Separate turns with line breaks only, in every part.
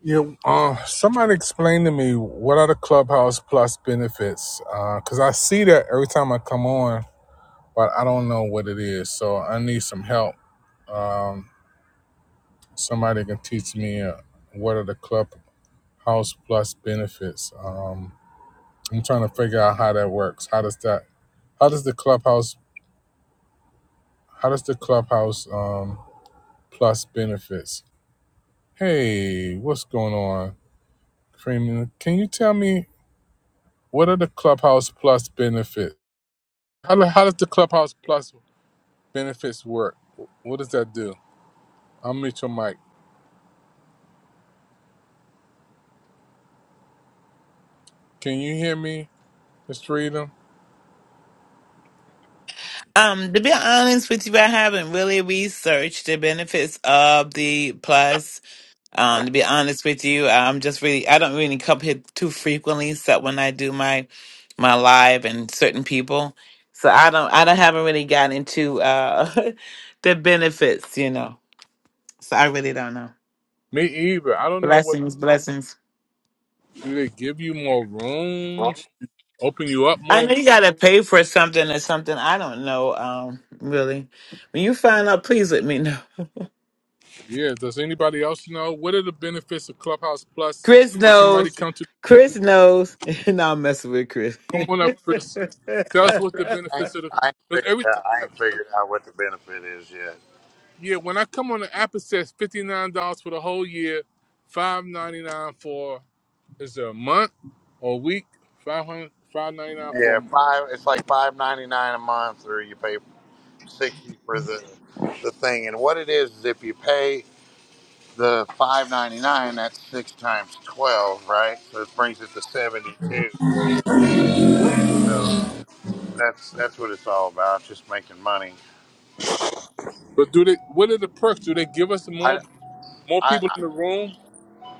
Yeah, uh, somebody explain to me what are the Clubhouse Plus benefits? Because I see that every time I come on, but I don't know what it is. So I need some help. Um, somebody can teach me uh, what are the Clubhouse Plus benefits. Um, I'm trying to figure out how that works. How does that? How does the Clubhouse? How does the Clubhouse um, Plus benefits? Hey, what's going on, Cream? Can you tell me what are the Clubhouse Plus benefits? How, do- how does the Clubhouse Plus benefits work? What does that do? I'm Mitchell Mike. Can you hear me, Mr. Freedom?
Um, to be honest with you, I haven't really researched the benefits of the plus. Um, to be honest with you, I'm just really I don't really come here too frequently except when I do my my live and certain people. So I don't I don't haven't really gotten into uh the benefits, you know. So I really don't know.
Me either. I don't know what
Blessings, blessings.
do they give you more rooms, open you up
I know
more.
you gotta pay for something or something. I don't know, um, really. When you find out, please let me know.
Yeah. Does anybody else know what are the benefits of Clubhouse Plus?
Chris
Can somebody
knows.
come to
Chris knows. and I'm messing with Chris.
come on up, Chris? Tell us what the
I,
benefits of the
I ain't
because
figured
every
it
t-
out. I ain't figured out what the benefit is yet.
yeah when I come on the app it says fifty nine dollars for the whole year, five ninety nine for Is it a month or a week? five hundred five ninety nine for
Yeah, five. It's like five ninety nine a month, or you pay sixty for the the thing. And what it is is if you pay the five ninety nine, that's six times twelve, right? So it brings it to seventy two. So that's that's what it's all about, just making money.
But do they? What are the perks? Do they give us
I,
more more
I,
people in the room?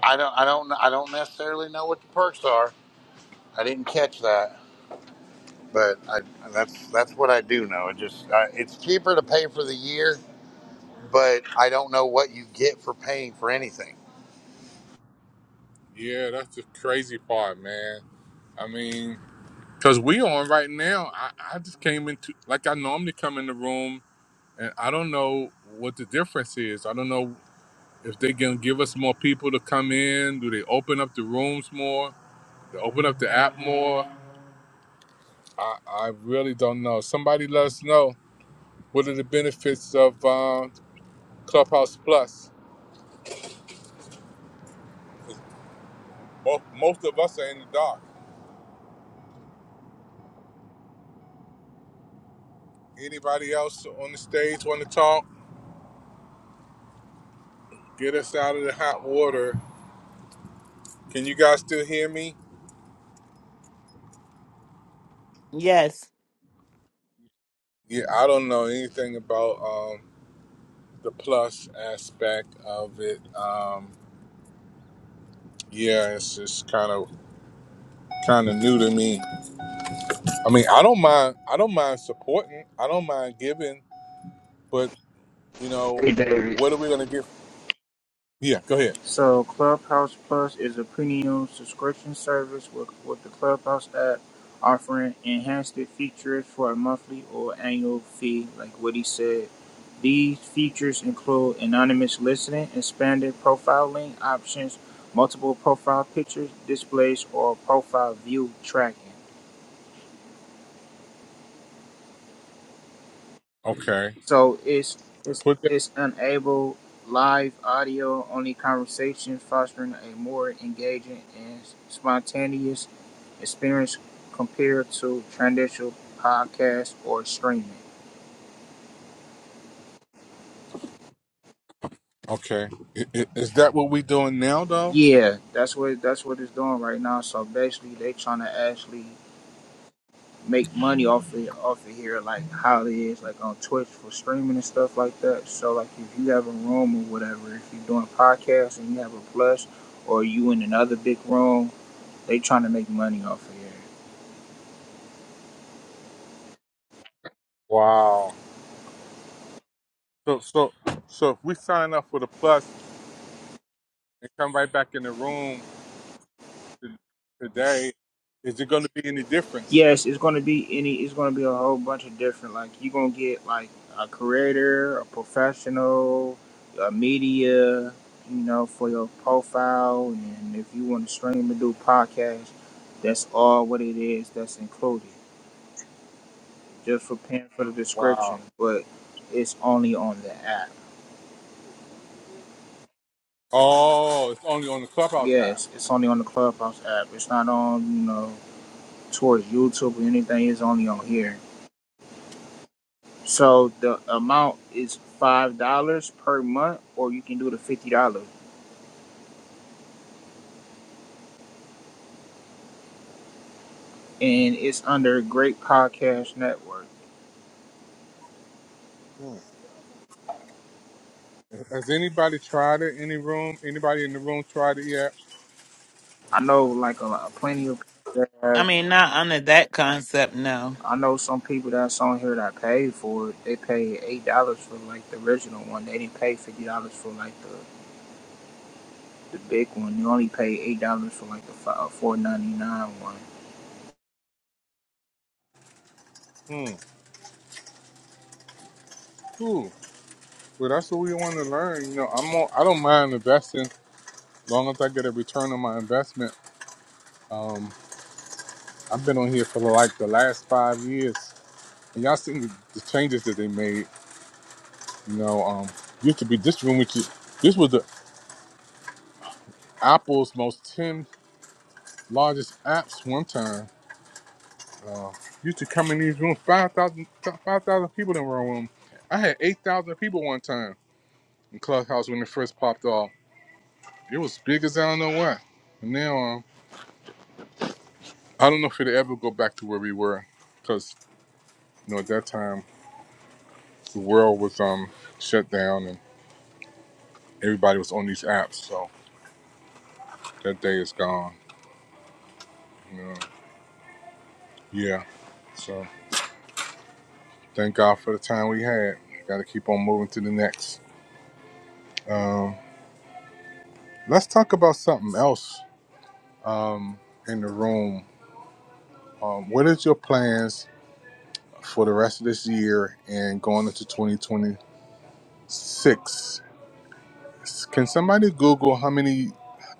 I don't I don't I don't necessarily know what the perks are. I didn't catch that, but I, that's that's what I do know. It just uh, it's cheaper to pay for the year but I don't know what you get for paying for anything.
Yeah, that's the crazy part, man. I mean, cause we on right now. I, I just came into like I normally come in the room, and I don't know what the difference is. I don't know if they gonna give us more people to come in. Do they open up the rooms more? They open up the app more? I, I really don't know. Somebody let us know what are the benefits of. uh, Clubhouse Plus. Most, most of us are in the dark. Anybody else on the stage want to talk? Get us out of the hot water. Can you guys still hear me?
yes.
Yeah, I don't know anything about um, the plus aspect of it. Um, yeah, it's just kind of kind of new to me. I mean, I don't mind. I don't mind supporting. I don't mind giving. But you know,
Hey, David.
what are we gonna get? Yeah, go ahead.
So, Clubhouse Plus is a premium subscription service with, with the Clubhouse app offering enhanced features for a monthly or annual fee, like what he said. These features include anonymous listening, expanded profiling options, multiple profile pictures, displays, or profile view tracking.
Okay.
So it's it's
Put that.
it's unable live audio only conversation fostering a more engaging and spontaneous experience compared to traditional podcast or streaming.
Okay. I- i- Is that what we doing now, though?
Yeah, that's what that's what it's doing right now. So basically they trying to actually make money off of off of here like how it is like on Twitch for streaming and stuff like that. So like if you have a room or whatever, if you're doing podcasts and you have a plus or you in another big room They trying to make money off of it.
Wow. So so so if we sign up for the plus and come right back in the room t- today, is it going to be any difference?
Yes, it's gonna be any. It's gonna be a whole bunch of different. Like you gonna get like a creator, a professional, a media. You know, for your profile, and if you want to stream and do podcasts, that's all what it is. That's included. Just for paying for the description,
Wow.
but it's only on the app.
Oh, it's only on the Clubhouse app.
Yes, it's only on the Clubhouse app. It's not on you know towards YouTube or anything. It's only on here. So the amount is five dollars per month, or you can do the fifty dollars, and it's under Great Podcast Network.
Hmm. Has anybody tried it? Any room? Anybody in the room tried it yet?
I know like a, lot- plenty of people that
I
have,
mean, not under that concept, no.
I know some people that's on here that paid for it. They paid eight dollars for like the original one. They didn't pay fifty dollars for like the the big one. They only pay eight dollars for like the four ninety nine one.
Hmm. Cool. Well, that's what we want to learn. You know, I'm on, I don't mind investing as long as I get a return on my investment. Um, I've been on here for like the last five years, and y'all seen the, the changes that they made. You know, um, used to be this room, which is, this was the Apple's most 10 largest apps one time. Uh, used to come in these rooms, five thousand, five thousand people in one room. I had 8,000 people one time in Clubhouse when it first popped off. It was big as I don't know what. And now, um, I don't know if it'll ever go back to where we were because, you know, at that time, the world was um, shut down and everybody was on these apps. So that day is gone. You know? Yeah. So. Thank God for the time we had. Got to keep on moving to the next. Um, let's talk about something else um, in the room. Um, what is your plans for the rest of this year and going into 2026? Can somebody Google how many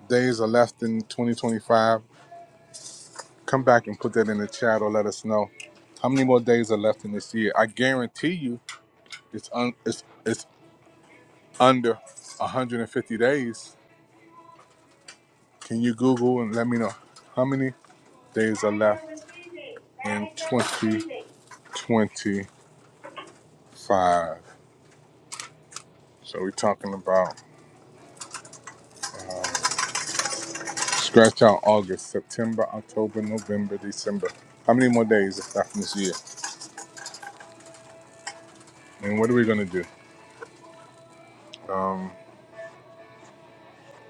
days are left in 2025? Come back and put that in the chat or let us know how many more days are left in this year. I guarantee you, it's un- it's it's under 150 days Can you Google and let me know how many days are left in 2025? So we're talking about scratch out August, September, October, November, December. How many more days is left in this year? And what are we gonna do? Um,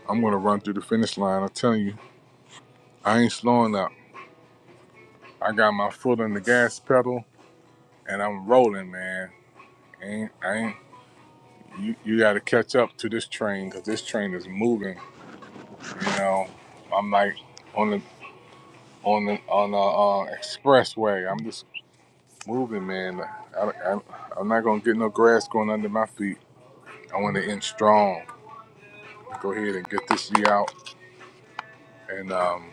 I'm gonna run through the finish line. I'm telling you, I ain't slowing up. I got my foot on the gas pedal and I'm rolling, man. Ain't I ain't you, you gotta catch up to this train because this train is moving You know, I'm like on the on the on the uh, expressway. I'm just moving, man. I, I, I'm not gonna get no grass going under my feet. I want to end strong. Go ahead and get this year out and um,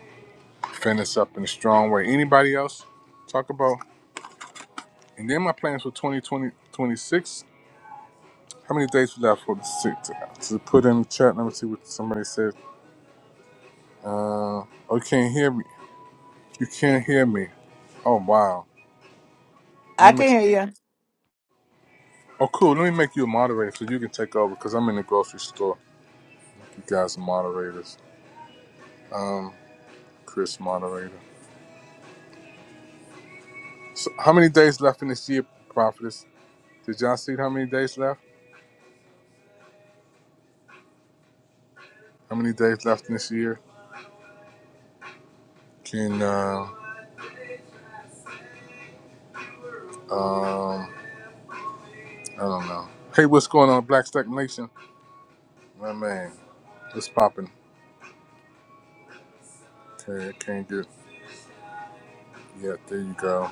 finish up in a strong way. Anybody else talk about? And then my plans for 2020 How many days we left for the six to, to put in the chat? Let me see what somebody said. Uh, oh, you can't hear me. You can't hear me. Oh wow.
I can hear you.
Oh, cool. Let me make you a moderator so you can take over because I'm in the grocery store. You guys are moderators. Um, Chris, moderator. So, how many days left in this year, Prophetess? Did y'all see how many days left? How many days left in this year? Can, uh, um, I don't know. Hey, what's going on, Black Stack Nation? My man, it's popping. Okay, I can't get. Yeah, there you go.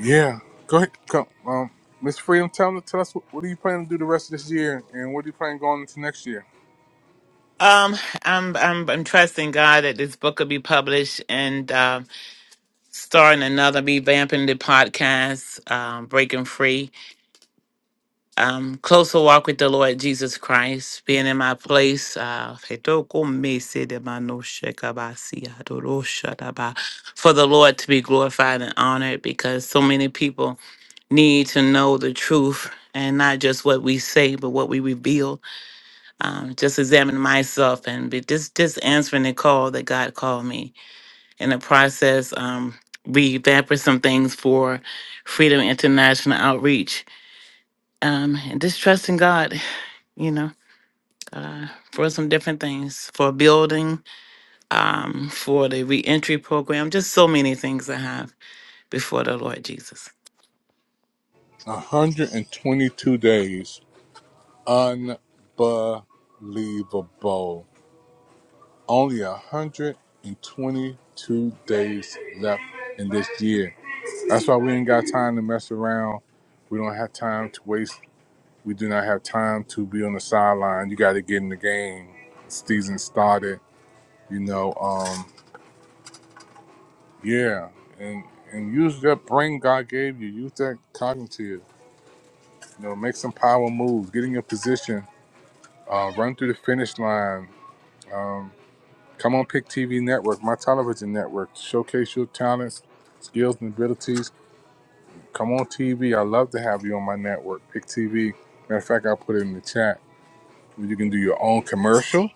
Yeah, go ahead. Come, um, Miss Freedom, tell, tell us what, what are you planning to do the rest of this year, and what do you plan going into next year?
Um, I'm I'm I'm trusting God that this book will be published and uh, starting another revamping the podcast, um, breaking free. um, closer walk with the Lord Jesus Christ, being in my place. Uh, for the Lord to be glorified and honored because so many people need to know the truth and not just what we say, but what we reveal. Um, just examine myself and be just, just answering the call that God called me. In the process, um, revamping some things for Freedom International Outreach um, and just trusting God you know, uh, for some different things, for building, um, for the reentry program, just so many things I have before the Lord Jesus.
122 days. Unbelievable. Only 122 days left in this year. That's why we ain't got time to mess around. We don't have time to waste. We do not have time to be on the sideline. You got to get in the game. Season started, you know. Um, yeah, and and use that brain God gave you. Use that cognitive. You know, make some power moves. Get in your position Uh, run through the finish line. Um, come on, Pick TV Network, my television network. Showcase your talents, skills, and abilities. Come on, TV. I love to have you on my network, Pick TV. Matter of fact, I'll put it in the chat. You can do your own commercial.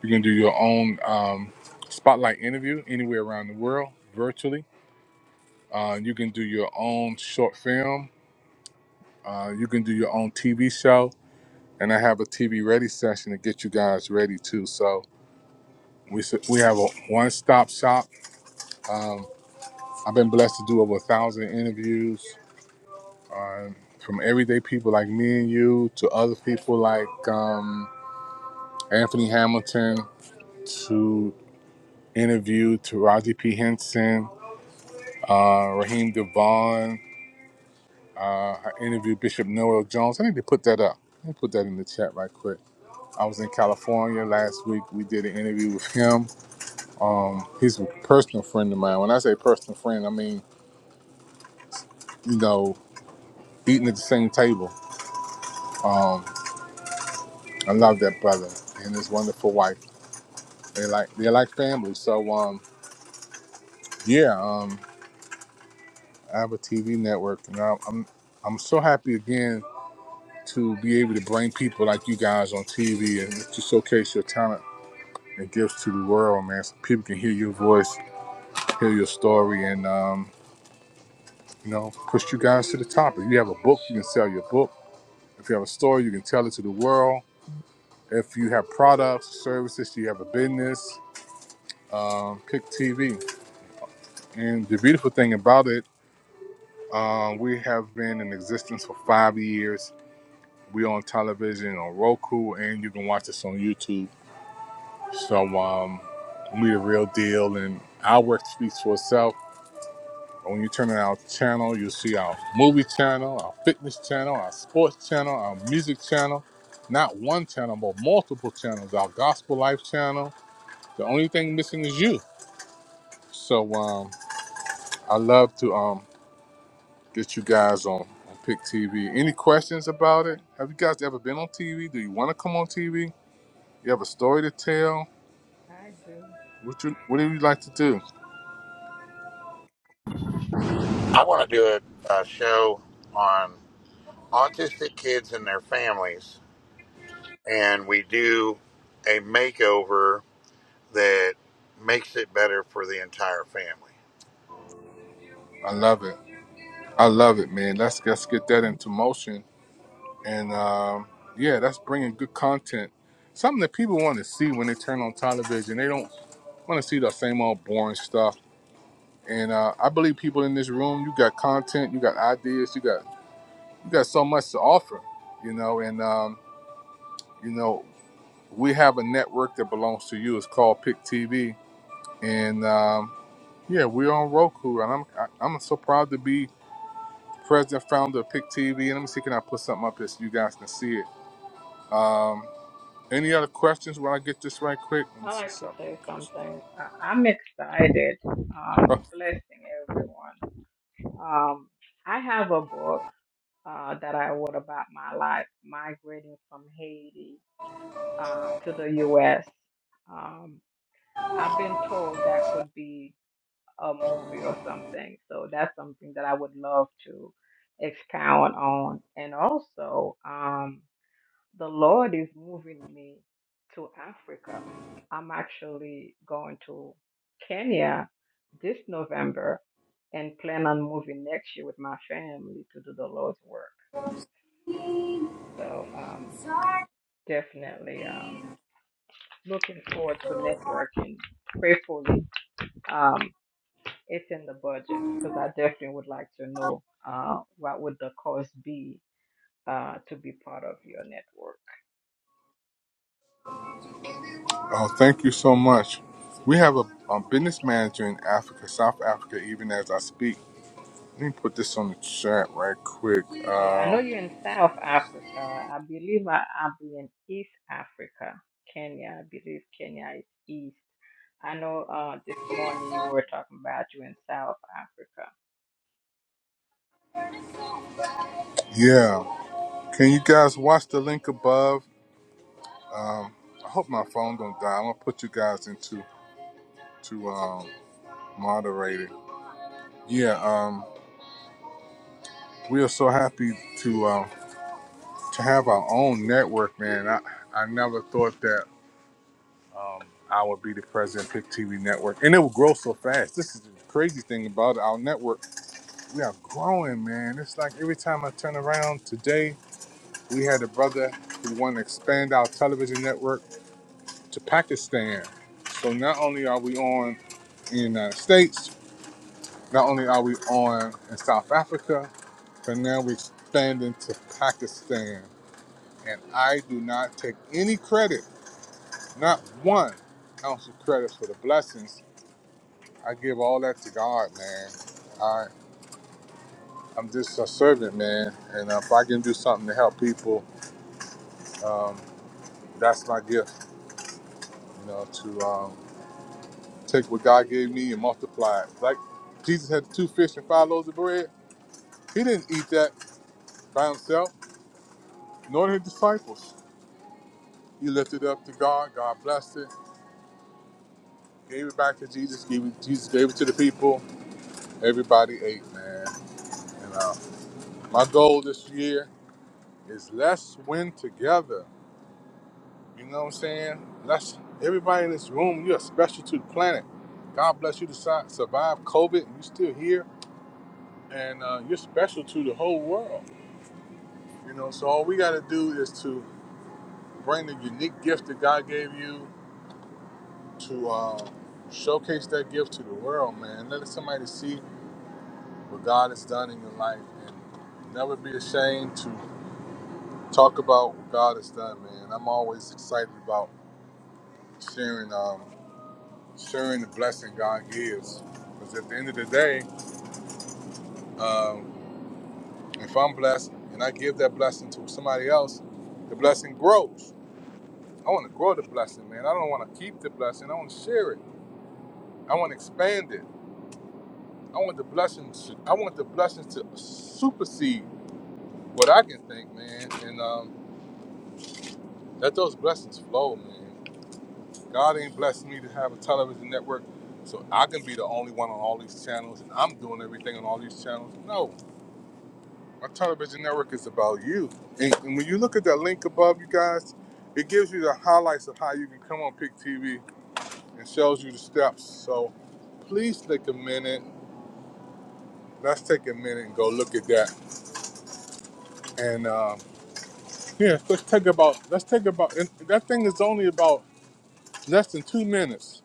You can do your own um, spotlight interview anywhere around the world, virtually. Uh, you can do your own short film. Uh, you can do your own TV show. And I have a TV ready session to get you guys ready too. So We s- we have a one stop shop. Um, I've been blessed to do over a thousand interviews, um, from everyday people like me and you to other people like um, Anthony Hamilton to interview to Raji P Henson, uh, Raheem Devon. Uh, I interviewed Bishop Noel Jones. I need to put that up. Let me put that in the chat right quick. I was in California last week. We did an interview with him. Um, he's a personal friend of mine. When I say personal friend, I mean you know eating at the same table. Um, I love that brother and his wonderful wife. They like they're like family. So um, yeah, um, I have a TV network, and I'm I'm, I'm so happy again to be able to bring people like you guys on TV and to showcase your talent and gifts to the world, man. So people can hear your voice, hear your story, and um, you know, push you guys to the top. If you have a book, you can sell your book. If you have a story, you can tell it to the world. If you have products, services, you have a business um, Kick TV. And the beautiful thing about it, uh, we have been in existence for five years. We're on television on Roku, and you can watch us on YouTube. So um, we the real deal, and our work speaks for itself. When you turn on our channel, you'll see our movie channel, our fitness channel, our sports channel, our music channel. Not one channel, but multiple channels. Our gospel life channel. The only thing missing is you. So um, I love to. um, get you guys on, on Pick TV. Any questions about it? Have you guys ever been on TV? Do you want to come on TV? You have a story to tell?
I do.
What you what do you like to do?
I want to do a, a show on autistic kids and their families, and we do a makeover that makes it better for the entire family.
I love it. I love it, man. Let's let's get that into motion. And um, yeah, that's bringing good content. Something that people want to see when they turn on television. They don't want to see the same old boring stuff. And uh, I believe people in this room, you got content, you got ideas, you got you got so much to offer, you know. And um, you know, we have a network that belongs to you. It's called Pick TV, and um, yeah, we're on Roku. And I'm I, I'm so proud to be president founder of Pick TV. And let me see, can I put something up here so you guys can see it? Any other questions? When I get this right quick, let me
I
see
like to
something,
say
Christian.
something. Uh, I'm excited.
Oh,
Um, blessing everyone. Um, I have a book uh, that I wrote about my life migrating from Haiti uh, to the U.S. Um, I've been told that could be a movie or something. So that's something that I would love to expound on. And also, um, the Lord is moving me to Africa. I'm actually going to Kenya this November and plan on moving next year with my family to do the Lord's work. So um, definitely um, looking forward to networking. Prayerfully, um, it's in the budget because I definitely would like to know uh, what would the cost be uh, to be part of your network.
oh, thank you so much. We have a, a business manager in Africa, South Africa, even as I speak. Let me put this on the chat right quick.
Yeah, I know
Um,
you're in South Africa. I believe I, I'll be in East Africa, Kenya. I believe Kenya is East. I know uh, this morning you were talking about you in South Africa.
yeah. Can you guys watch the link above? Um, I hope my phone don't die. I'm gonna put you guys into to um, moderating. Yeah, um, we are so happy to um, to have our own network, man. I I never thought that um, I would be the president of Pick TV Network, and it will grow so fast. This is the crazy thing about it. Our network, we are growing, man. It's like every time I turn around. Today, we had a brother who wanted to expand our television network to Pakistan. So not only are we on in the United States, Not only are we on in South Africa, but now we're expanding to Pakistan. And I do not take any credit, not one ounce of credit for the blessings. I give all that to God, man. I, I'm just a servant, man. And if I can do something to help people, um, that's my gift, you know, to um, take what God gave me and multiply it. Like Jesus had two fish and five loaves of bread. He didn't eat that by himself, nor did his disciples. He lifted it up to God. God blessed it, gave it back to Jesus. Gave it, Jesus gave it to the people. Everybody ate, man. And uh, my goal this year is let's win together. You know what I'm saying? Let's everybody in this room. You're special to the planet. God bless you to si- survive COVID. and You're still here, and uh, you're special to the whole world. You know, so all we got to do is to bring the unique gift that God gave you to uh, showcase that gift to the world, man. Let somebody see what God has done in your life and never be ashamed to talk about what God has done, man. I'm always excited about sharing um, sharing the blessing God gives. Because at the end of the day, um, if I'm blessed and I give that blessing to somebody else, the blessing grows. I want to grow the blessing, man. I don't want to keep the blessing. I want to share it. I want to expand it. I want the blessings. I want the blessings to supersede what I can think, man. And um, let those blessings flow, man. God ain't blessed me to have a television network so I can be the only one on all these channels and I'm doing everything on all these channels. No, my television network is about you. And, and when you look at that link above, you guys, it gives you the highlights of how you can come on Pick TV and shows you the steps. So please take a minute. Let's take a minute and go look at that. And um, yeah, let's take about let's take about and that thing is only about less than two minutes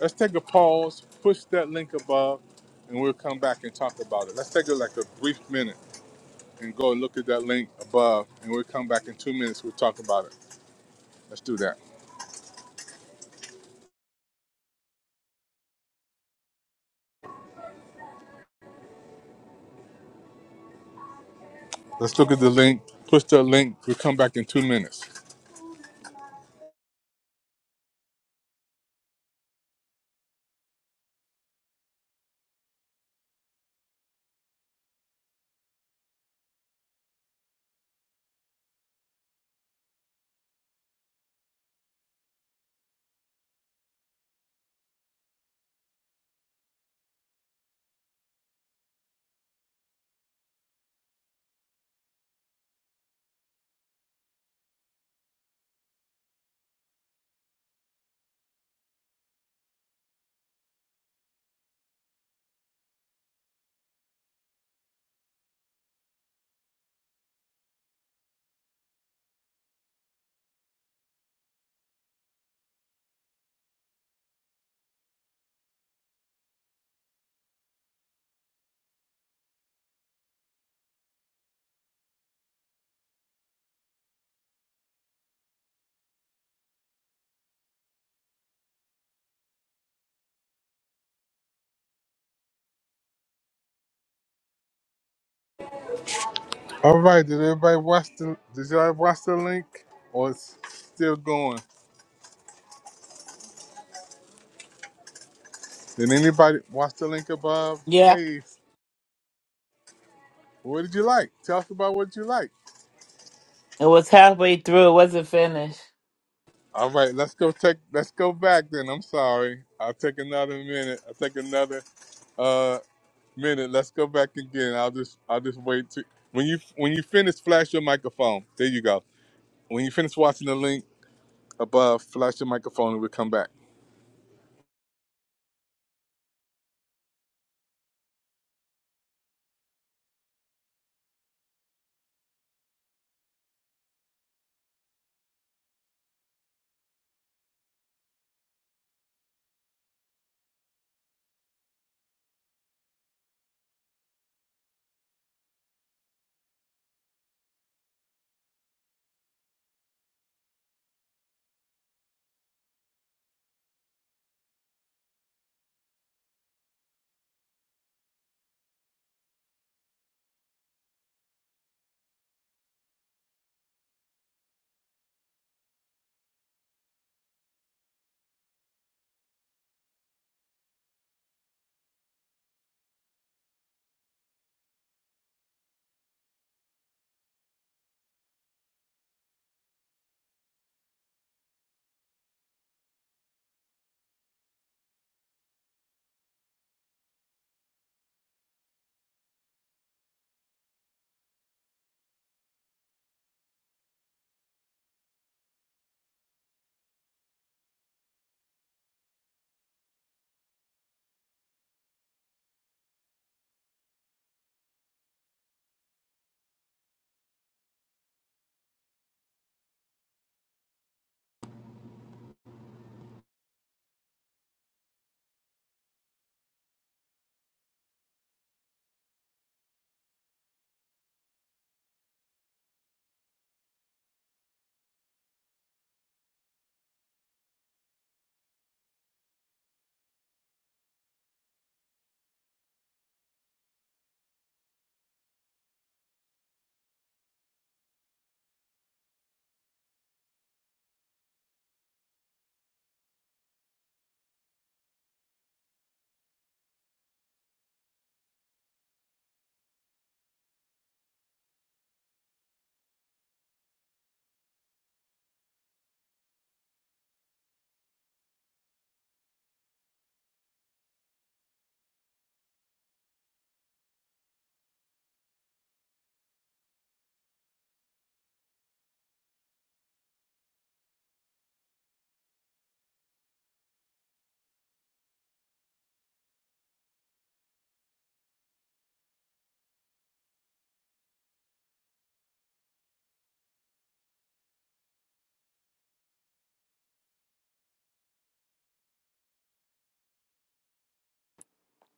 Let's take a pause, push that link above, and we'll come back and talk about it. Let's take a, like a brief minute and go look at that link above, and we'll come back in two minutes. We'll talk about it. Let's do that. Let's look at the link, push that link. We'll come back in two minutes. All right. Did everybody watch the? Did y'all watch the link, or it's still going? Did anybody watch the link above?
Yeah,
Hey, what did you like? Tell us about what you like.
it was halfway through. It wasn't finished.
All right, let's go take let's go back then. I'm sorry. I'll take another minute. I'll take another uh minute. Let's go back again. I'll just I'll just wait to when you when you finish flash your microphone. There you go. When you finish watching the link above, flash your microphone and we'll come back.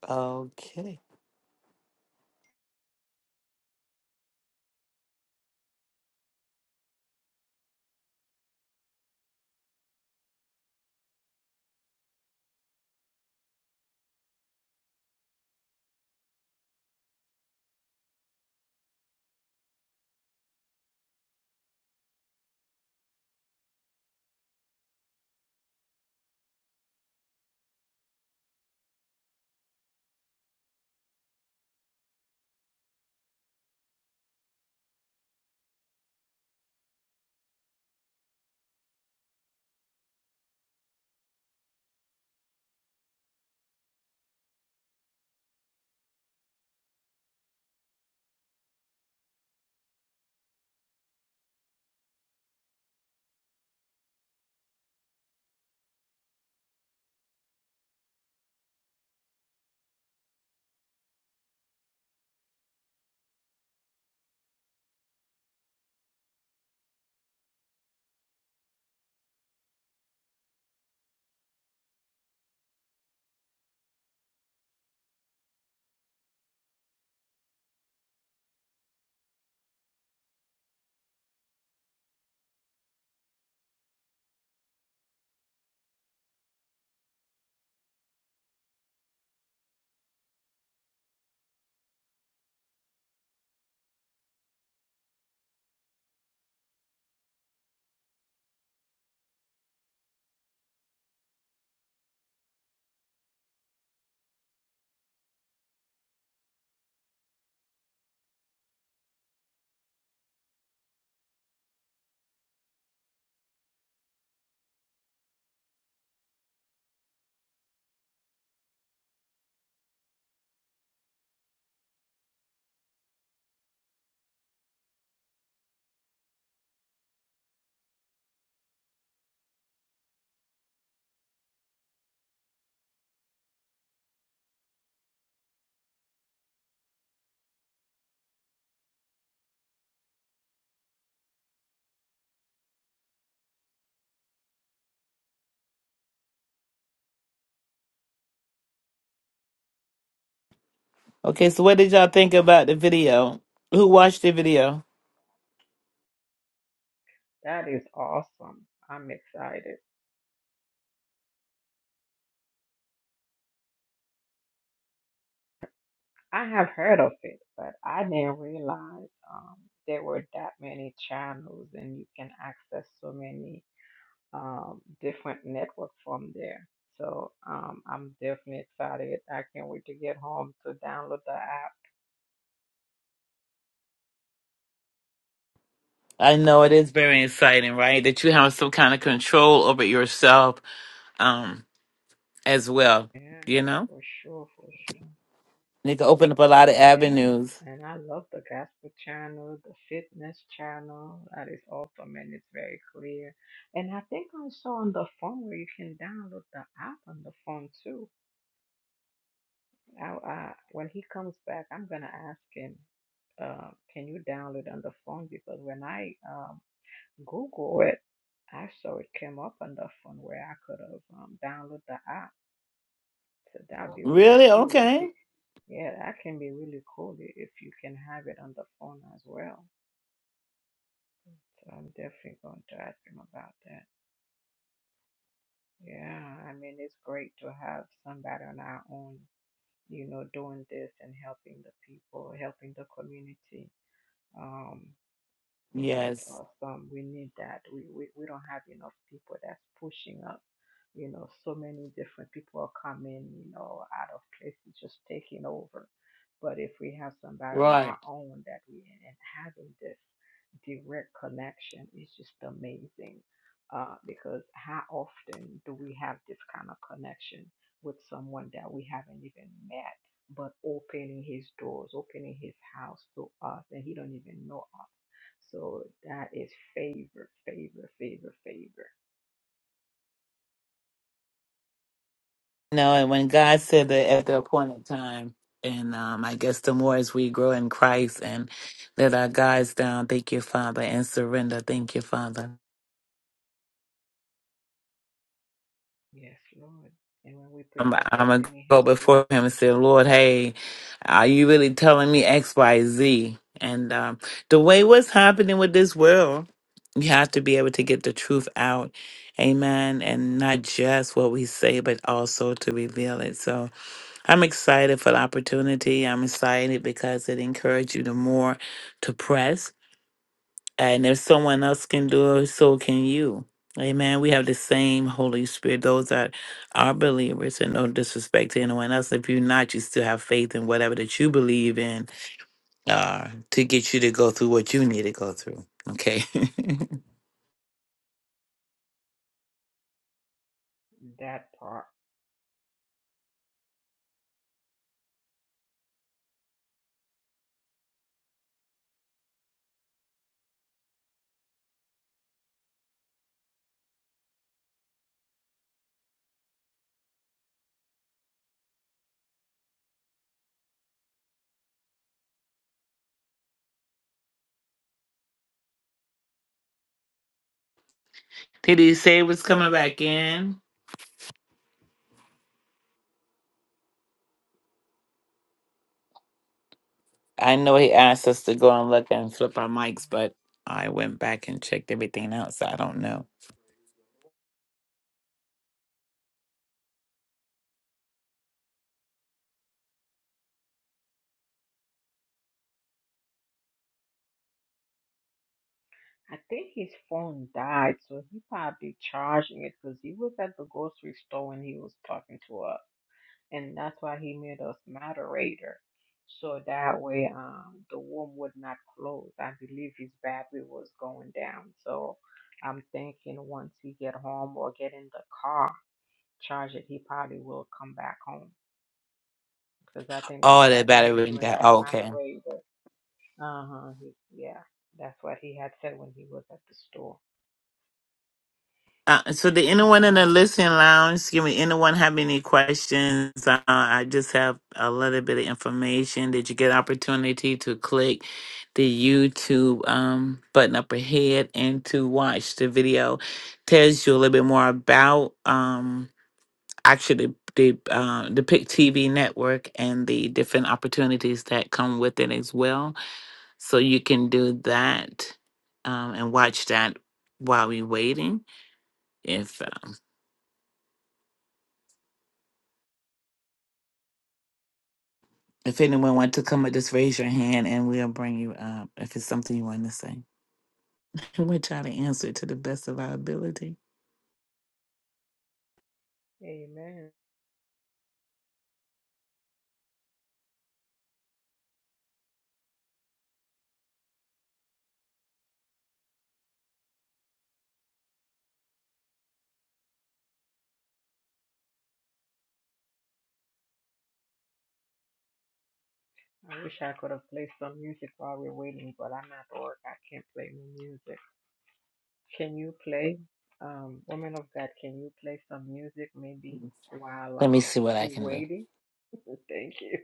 Okay. Okay, so what did y'all think about the video? Who watched the video?
That is awesome. I'm excited. I have heard of it, but I didn't realize um, there were that many channels and you can access so many um, different networks from there. So um, I'm definitely excited. I can't wait to get home to download the app
I know it is very exciting, right? That you have some kind of control over yourself um as well,
Yeah,
you know?
for sure, for sure.
And it can open up a lot of
Yes,
avenues.
and I love the gospel channel, the fitness channel. That is awesome and it's very clear. And I think I saw on the phone where you can download the app on the phone too. I, I when he comes back, I'm gonna ask him, uh, can you download on the phone? Because when I um Google it, I saw it came up on the phone where I could have um, downloaded the app. So that'd be really
Really?
cool.
Okay.
Yeah, that can be really cool i- if you can have it on the phone as well. So I'm definitely going to ask him about that. Yeah, I mean, it's great to have somebody on our own, you know, doing this and helping the people, helping the community. Um. You know, it's
Yes.
awesome. We need that. We, we, we don't have enough people that's pushing up. You know, so many different people are coming, you know, out of places just taking over. But if we have somebody on
Right.
our own that we and having this direct connection is just amazing. Uh, because how often do we have this kind of connection with someone that we haven't even met, but opening his doors, opening his house to us, and he don't even know us? So that is favor, favor, favor, favor.
No, and when God said that at the appointed time, and um I guess the more as we grow in Christ and let our guys down, thank you, Father, and surrender, thank you, Father.
Yes, Lord. And when we pray
I'm,
for
I'm gonna
destiny
go
helpers,
before him and say, Lord, hey, are you really telling me X, Y, Z? And um, the way what's happening with this world, you have to be able to get the truth out, amen, and not just what we say, but also to reveal it. So I'm excited for the opportunity. I'm excited because it encourages you to more to press. And if someone else can do it, so can you. Amen. We have the same Holy Spirit. Those that are believers, and no disrespect to anyone else. If you're not, you still have faith in whatever that you believe in uh, to get you to go through what you need to go through. Okay.
that part.
Did he say it was coming back in? I know he asked us to go and look and flip our mics, but I went back and checked everything else. I don't know.
I think his phone died, so he probably charging it because he was at the grocery store when he was talking to us, and that's why he made us moderator, so that way um the room would not close. I believe his battery was going down, so I'm thinking once he get home or get in the car, charge it, he probably will come back home because I think that's
Oh, the
why he
battery
made you
went down.
and I
Oh, okay.
moderator. Uh huh. Yeah, that's what he had said when he was at the store.
Uh, so did anyone in the
Um,
listening lounge, excuse me, anyone have any questions? Uh, I just have a little bit of information. Did you get opportunity to click the YouTube um, button up ahead and to watch the video? Tells you a little bit more about um, actually the the, uh, the Pick TV network and the different opportunities that come with it as well. So you can do that um, and watch that while we're waiting. If If anyone want to come up, just raise your hand and we'll bring you up if it's something you want to say. We'll try to answer it to the best of our ability.
amen. I wish I could have played some music while we're waiting, but I'm at work. I can't play no music. Can you play, um, woman of God? Can you play some music maybe while
Let me
um
see what I
we
can do.
waiting? Thank you.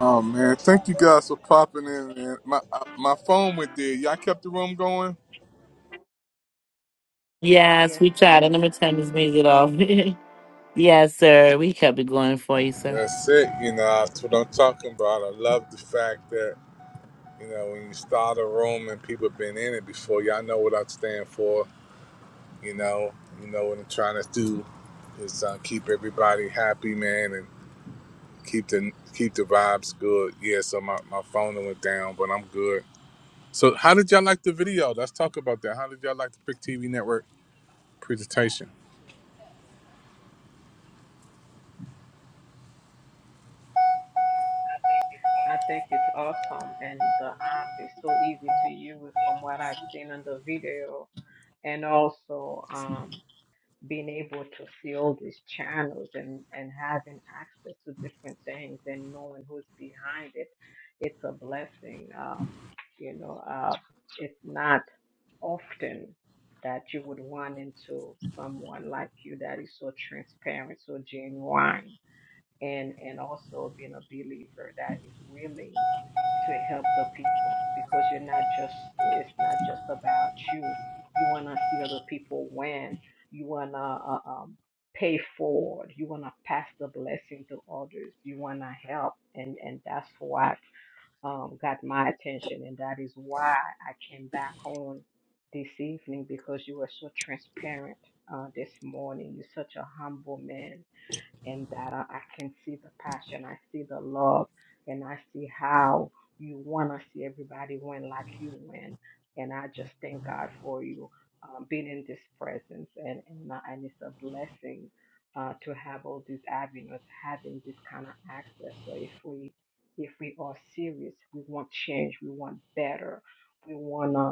Oh man, thank you guys for popping in, man. My uh, my phone went dead. Y'all kept the room going.
Yes,
Yes,
we tried.
sir.
And I'm going to turn this music off. yes, sir. We kept it going for you, sir.
That's it. You know, that's what I'm talking about. I love the fact that you know when you start a room and people been in it before. Y'all know what I stand for. you know you know what i'm trying to do is uh, keep everybody happy man and keep the keep the vibes good yeah so my, my phone went down but i'm good so how did y'all like the video let's talk about that how did y'all like the big tv network presentation
I think it's awesome, and the app is so easy to use from what I've seen on the video. and also um, being able to see all these channels and, and having access to different things and knowing who's behind it, it's a blessing. Um, you know, uh, it's not often that you would run into someone like you that is so transparent, so genuine, and and also being a believer that is willing to help the people because you're not just it's not just about you you want to see other people win you want to uh, um, pay forward you want to pass the blessing to others you want to help and and that's what um, got my attention and that is why i came back on this evening because you were so transparent uh, this morning you're such a humble man and that I, I can see the passion, I see the love, and I see how you want to see everybody win like you win. And I just thank God for you um, being in this presence, and and, uh, and it's a blessing uh, to have all these avenues, having this kind of access. So if we if we are serious, we want change, we want better, we wanna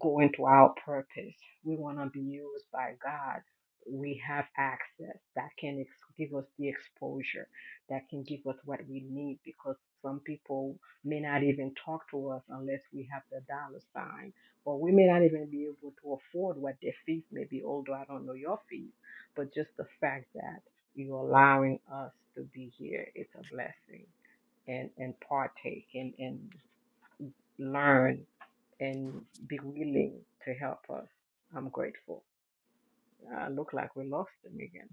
go into our purpose. We want to be used by God. We have access that can ex- give us the exposure that can give us what we need because some people may not even talk to us unless we have the dollar sign, or we may not even be able to afford what their fees may be. Although I don't know your fees, but just the fact that you're allowing us to be here, it's a blessing and and partake and and learn and be willing to help us. I'm grateful. Uh, look like we lost him again.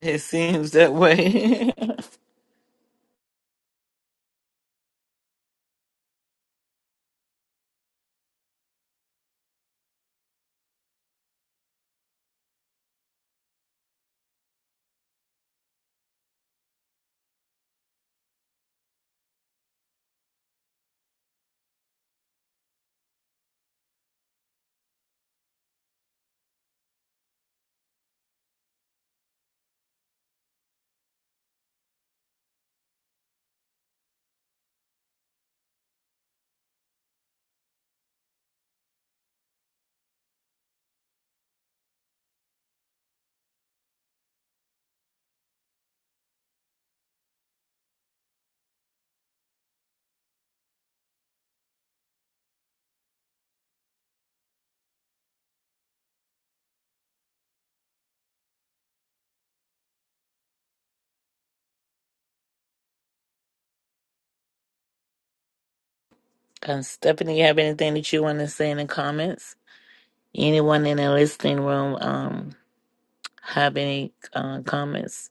It seems that way. um, Stephanie, you have anything that you want to say in the comments? Anyone in the listening room um, have any uh, comments?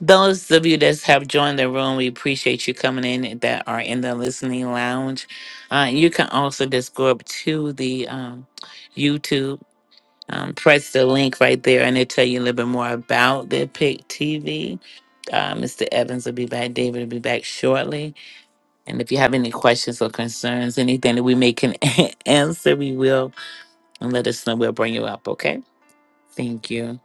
Those of you that have joined the room, we appreciate you coming in that are in the listening lounge. Uh, you can also just go up to the um, YouTube, um, press the link right there, and it'll tell you a little bit more about the Pick TV. Uh, Mr. Evans will be back. David will be back shortly. And if you have any questions or concerns, anything that we may can answer, we will. And let us know. We'll bring you up. Okay. Thank you.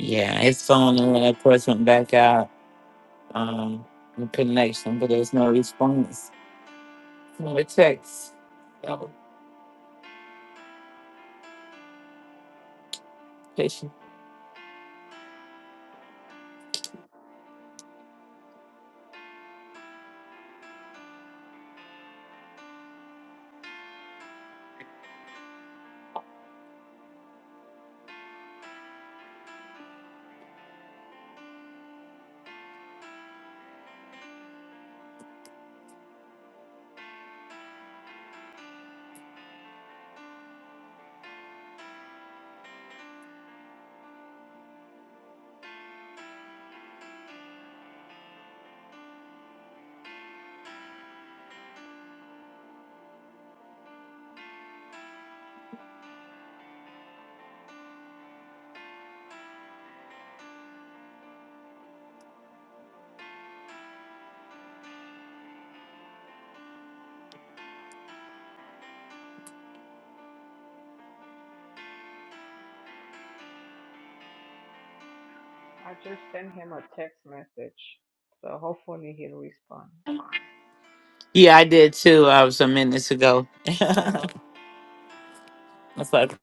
Yeah, his phone, and of course, went back out. um, the connection, but there's no response. No text. No patient.
I just sent him a text message, so hopefully he'll respond.
Yeah, I did too. I was a minutes ago.
Oh,
That's like,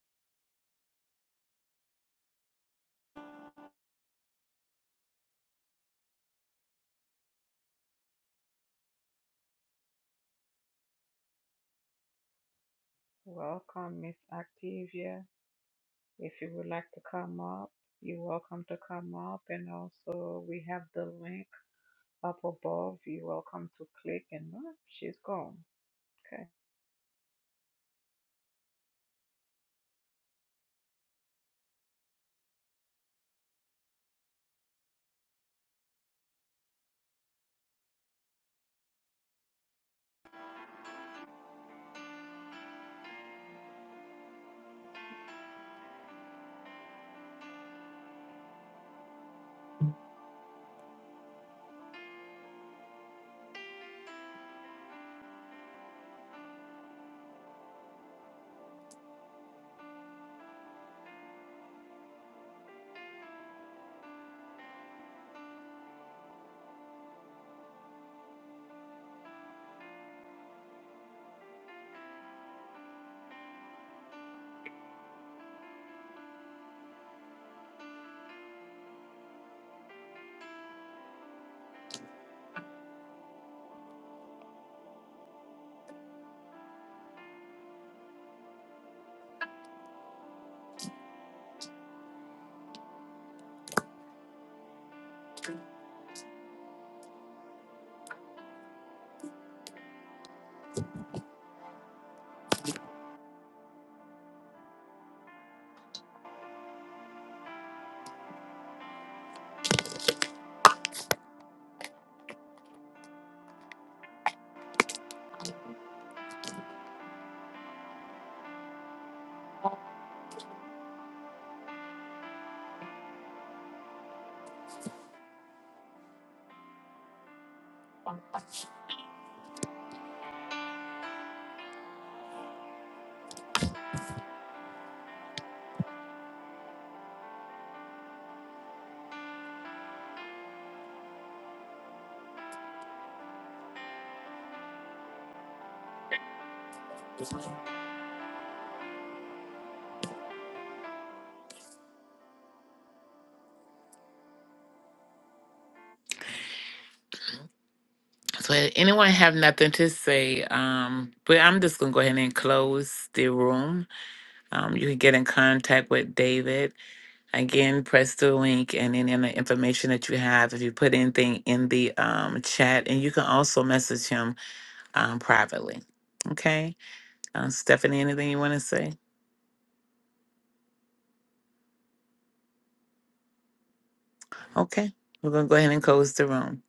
welcome, Miss Activia. If you would like to come up, you're welcome to come up. And also, we have the link up above. You're welcome to click. And oh, she's gone. Okay.
so anyone have nothing to say? Um, but I'm just gonna go ahead and close the room. Um, you can get in contact with David again. Press the link and any other information that you have. If you put anything in the um chat, and you can also message him um privately. Okay, um, Stephanie, anything you want to say? Okay, we're gonna go ahead and close the room.